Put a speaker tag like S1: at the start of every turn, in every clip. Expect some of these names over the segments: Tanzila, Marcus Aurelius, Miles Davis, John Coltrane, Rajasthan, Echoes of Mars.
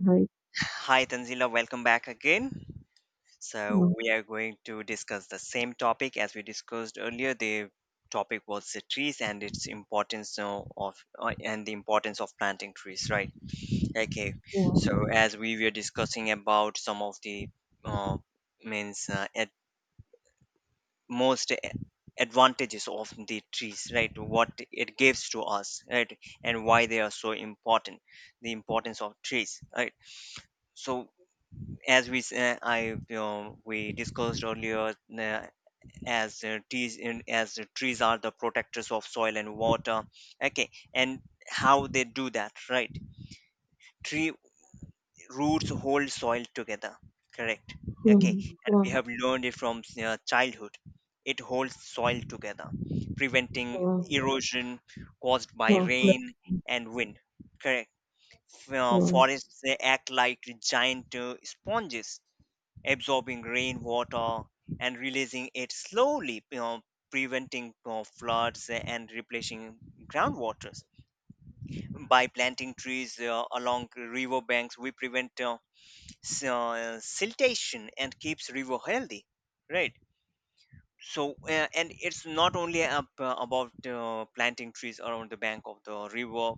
S1: Right.
S2: Hi, Tanzila. Welcome back again.
S1: Yeah.
S2: So, we are going to discuss the same topic as we discussed earlier. The topic was the trees and its importance of and the importance of planting trees, right? Okay.
S1: Yeah.
S2: So, as we were discussing about some of the uh, means at most advantages of the trees, right? What it gives to us, right? And why they are so important. The importance of trees, right? So as we s- I we discussed earlier, as trees in, as trees are the protectors of soil and water. Okay, and how they do that, right? Tree roots hold soil together. Correct.
S1: Yeah.
S2: Okay, and
S1: Yeah.
S2: we have learned it from childhood. It holds soil together, preventing erosion caused by
S1: Yeah. Yeah.
S2: rain and wind. Correct.
S1: Yeah.
S2: Forests they act like giant sponges absorbing rainwater and releasing it slowly, you know, preventing floods and replenishing groundwaters. By planting trees along river banks, we prevent siltation and keeps river healthy, right? So, and it's not only about planting trees around the bank of the river.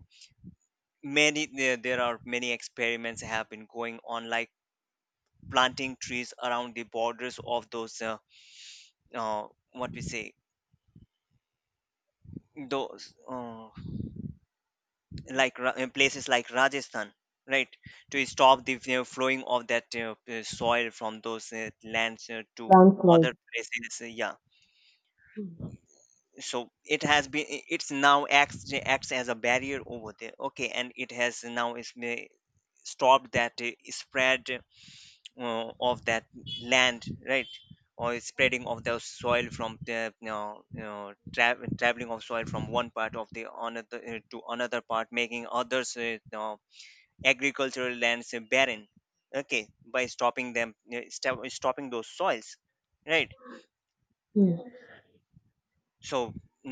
S2: Many there are many experiments have been going on, like planting trees around the borders of those uh, what we say those like places like Rajasthan, right, to stop the, you know, flowing of that soil from those lands to other
S1: Landslide.
S2: places yeah,
S1: Yeah.
S2: so it has been it's now acts as a barrier over there. Okay, and it has now stopped that spread of that land, right, or spreading of the soil from the, you know, you know, traveling of soil from one part of the another to another part, making others, you know, agricultural lands barren. Okay, by stopping them, stopping those soils, right.
S1: Yeah.
S2: So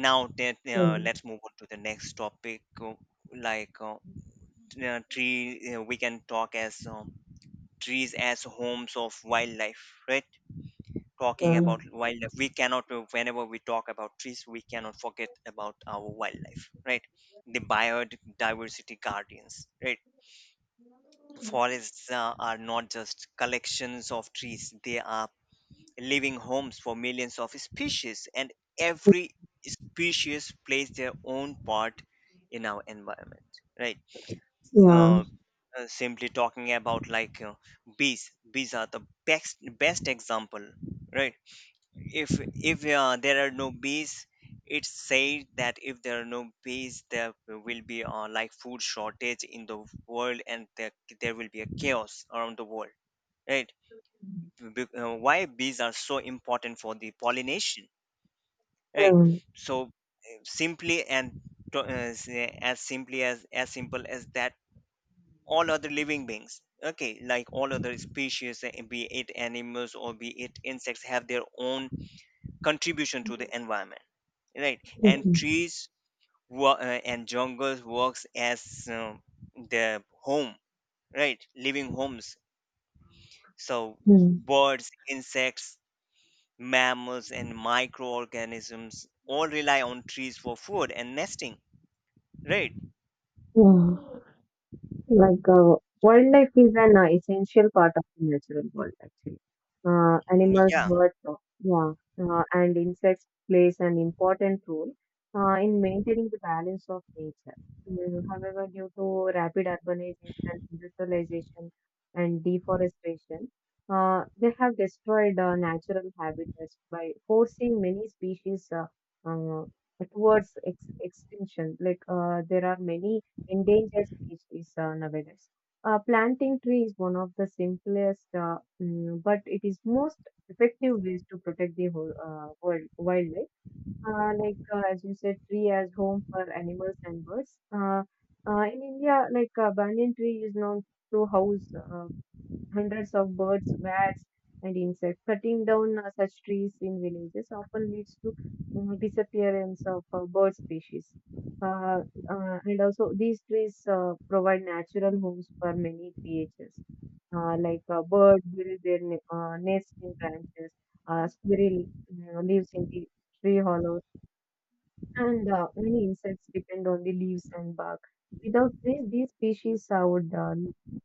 S2: now that,
S1: Yeah.
S2: let's move on to the next topic, like t- tree we can talk as trees as homes of wildlife, right. Talking
S1: Yeah.
S2: about wildlife, we cannot, whenever we talk about trees we cannot forget about our wildlife, right, the biodiversity guardians, right. Forests are not just collections of trees, they are living homes for millions of species, and every species plays their own part in our environment, right.
S1: Yeah.
S2: uh, Simply talking about, like, bees, bees are the best best example, right. If there are no bees, it said that if there are no bees there will be, like food shortage in the world, and there will be a chaos around the world, right. Why bees are so important for the pollination, right.
S1: Yeah.
S2: So, simply and to, s- as simply as simple as that, all other living beings, okay, like all other species, be it animals or be it insects, have their own contribution to the environment, right. And trees and jungles works as the home, right, living homes. So
S1: Yeah.
S2: birds, insects, mammals and microorganisms all rely on trees for food and nesting, right.
S1: Yeah. Like, wildlife is an essential part of the natural world, actually.
S2: Mm,
S1: Animals,
S2: yeah.
S1: birds, yeah, and insects plays an important role in maintaining the balance of nature. However, due to rapid urbanization, industrialization, and deforestation, they have destroyed natural habitats by forcing many species uh, towards ex extinction. Like, there are many endangered species nowadays. Planting tree is one of the simplest, but it is most effective ways to protect the whole, world wildlife. Like, as you said, tree as home for animals and birds. In India, like, banyan tree is known to house uh, hundreds of birds, bats, and insects. Cutting down such trees in villages often leads to disappearance of bird species. Uh, and also, these trees provide natural homes for many creatures. Like, birds build their nests in branches, squirrel, you know, lives in the tree hollows, and many insects depend on the leaves and bark. Without this, these species would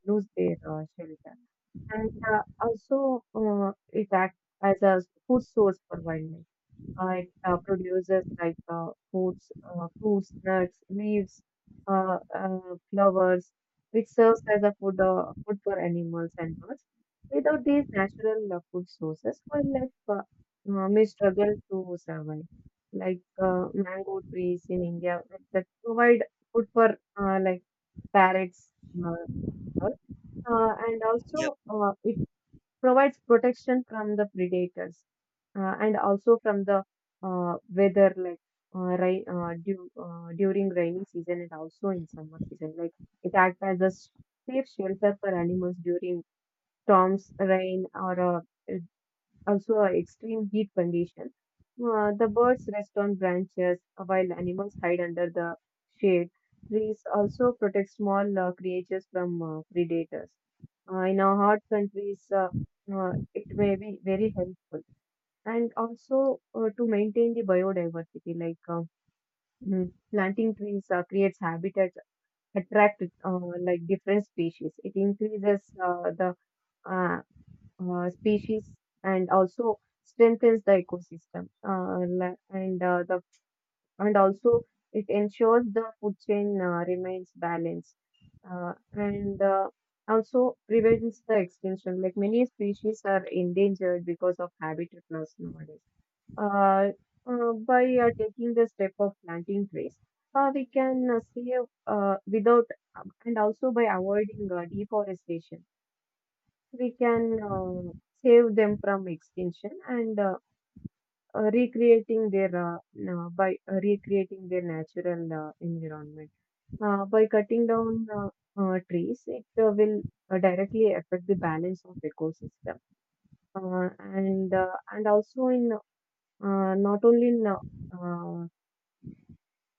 S1: lose their shelter. And also, it acts as a food source for wildlife. It produces like foods, fruits, nuts, leaves, uh, uh, flowers, which serves as a food for animals and birds. Without these natural food sources, wildlife may struggle to survive. Like mango trees in India, like, that provide food for like parrots, uh, birds, and
S2: Yep.
S1: also it provides protection from the predators and also from the weather, like rain during rainy season and also in summer season. Like, it acts as a safe shelter for animals during storms, rain, or also extreme heat condition. The birds rest on branches while animals hide under the shade. Trees also protect small creatures from predators. In our hot countries, it may be very helpful. And also to maintain the biodiversity, like, planting trees creates habitats, attract like different species. It increases the uh, species and also strengthens the ecosystem, and also it ensures the food chain remains balanced, and also prevents the extinction, like many species are endangered because of habitat loss nowadays. uh, by taking the step of planting trees, we can save, without, and also by avoiding deforestation, we can save them from extinction and recreating their na- by recreating their natural environment. By cutting down trees, it will directly affect the balance of ecosystem. Uh, and and also in not only in uh,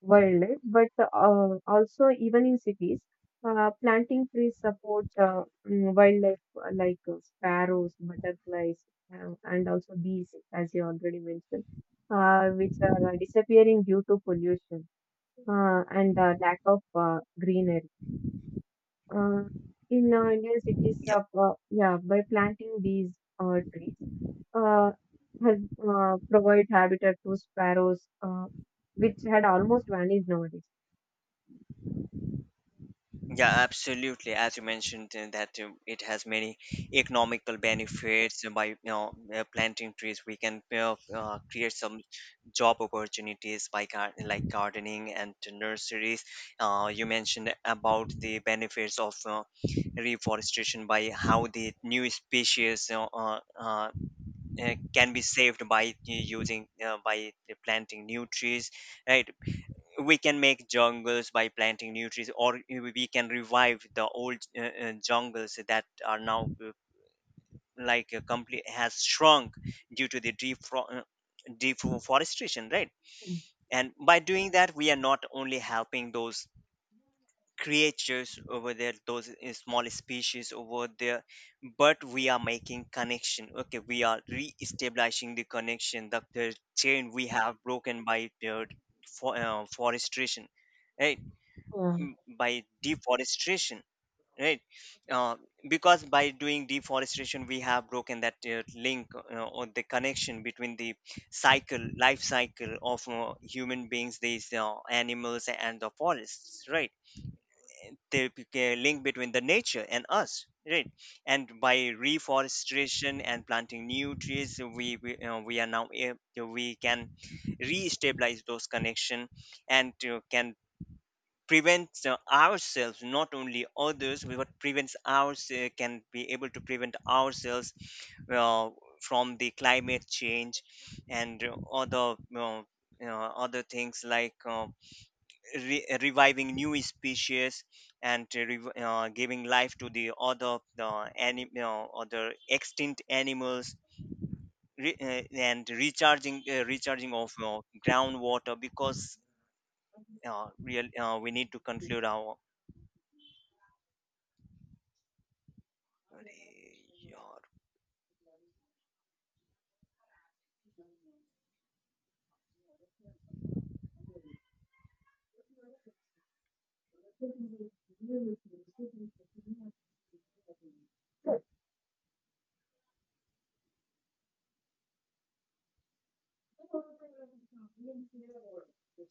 S1: worldwide, but also even in cities, planting trees support, wildlife like sparrows, butterflies, and also bees, as you already mentioned, which are disappearing due to pollution and lack of greenery. Uh, in Indian cities,
S2: Yep.
S1: yeah, by planting these trees, uh, has provide habitat to sparrows, which had almost vanished nowadays.
S2: Yeah, absolutely. As you mentioned, that it has many economical benefits by, you know, planting trees. We can, create some job opportunities by like gardening and to nurseries. You mentioned about the benefits of reforestation, by how the new species, can be saved by using, by planting new trees, right? We can make jungles by planting new trees, or we can revive the old, jungles that are now, like, complete has shrunk due to the deforestation, right. And by doing that, we are not only helping those creatures over there, those small species over there, but we are making connection. Okay, we are re-establishing the connection, the chain we have broken by the forestation, right,
S1: Mm.
S2: by deforestation, right. uh, because by doing deforestation we have broken that link, or the connection between the cycle, life cycle of human beings, these animals and the forests, right, the link between the nature and us, right. And by reforestation and planting new trees, we are we can re-stabilize those connection, and can prevents, ourselves, not only others, but what prevents ourselves, can be able to prevent ourselves, uh, from the climate change and, other, you know, other things, like, reviving new species, and to giving life to the other, the other extinct animals, and recharging, recharging of groundwater, because real we need to conclude our Allez, yo,
S1: Yeah.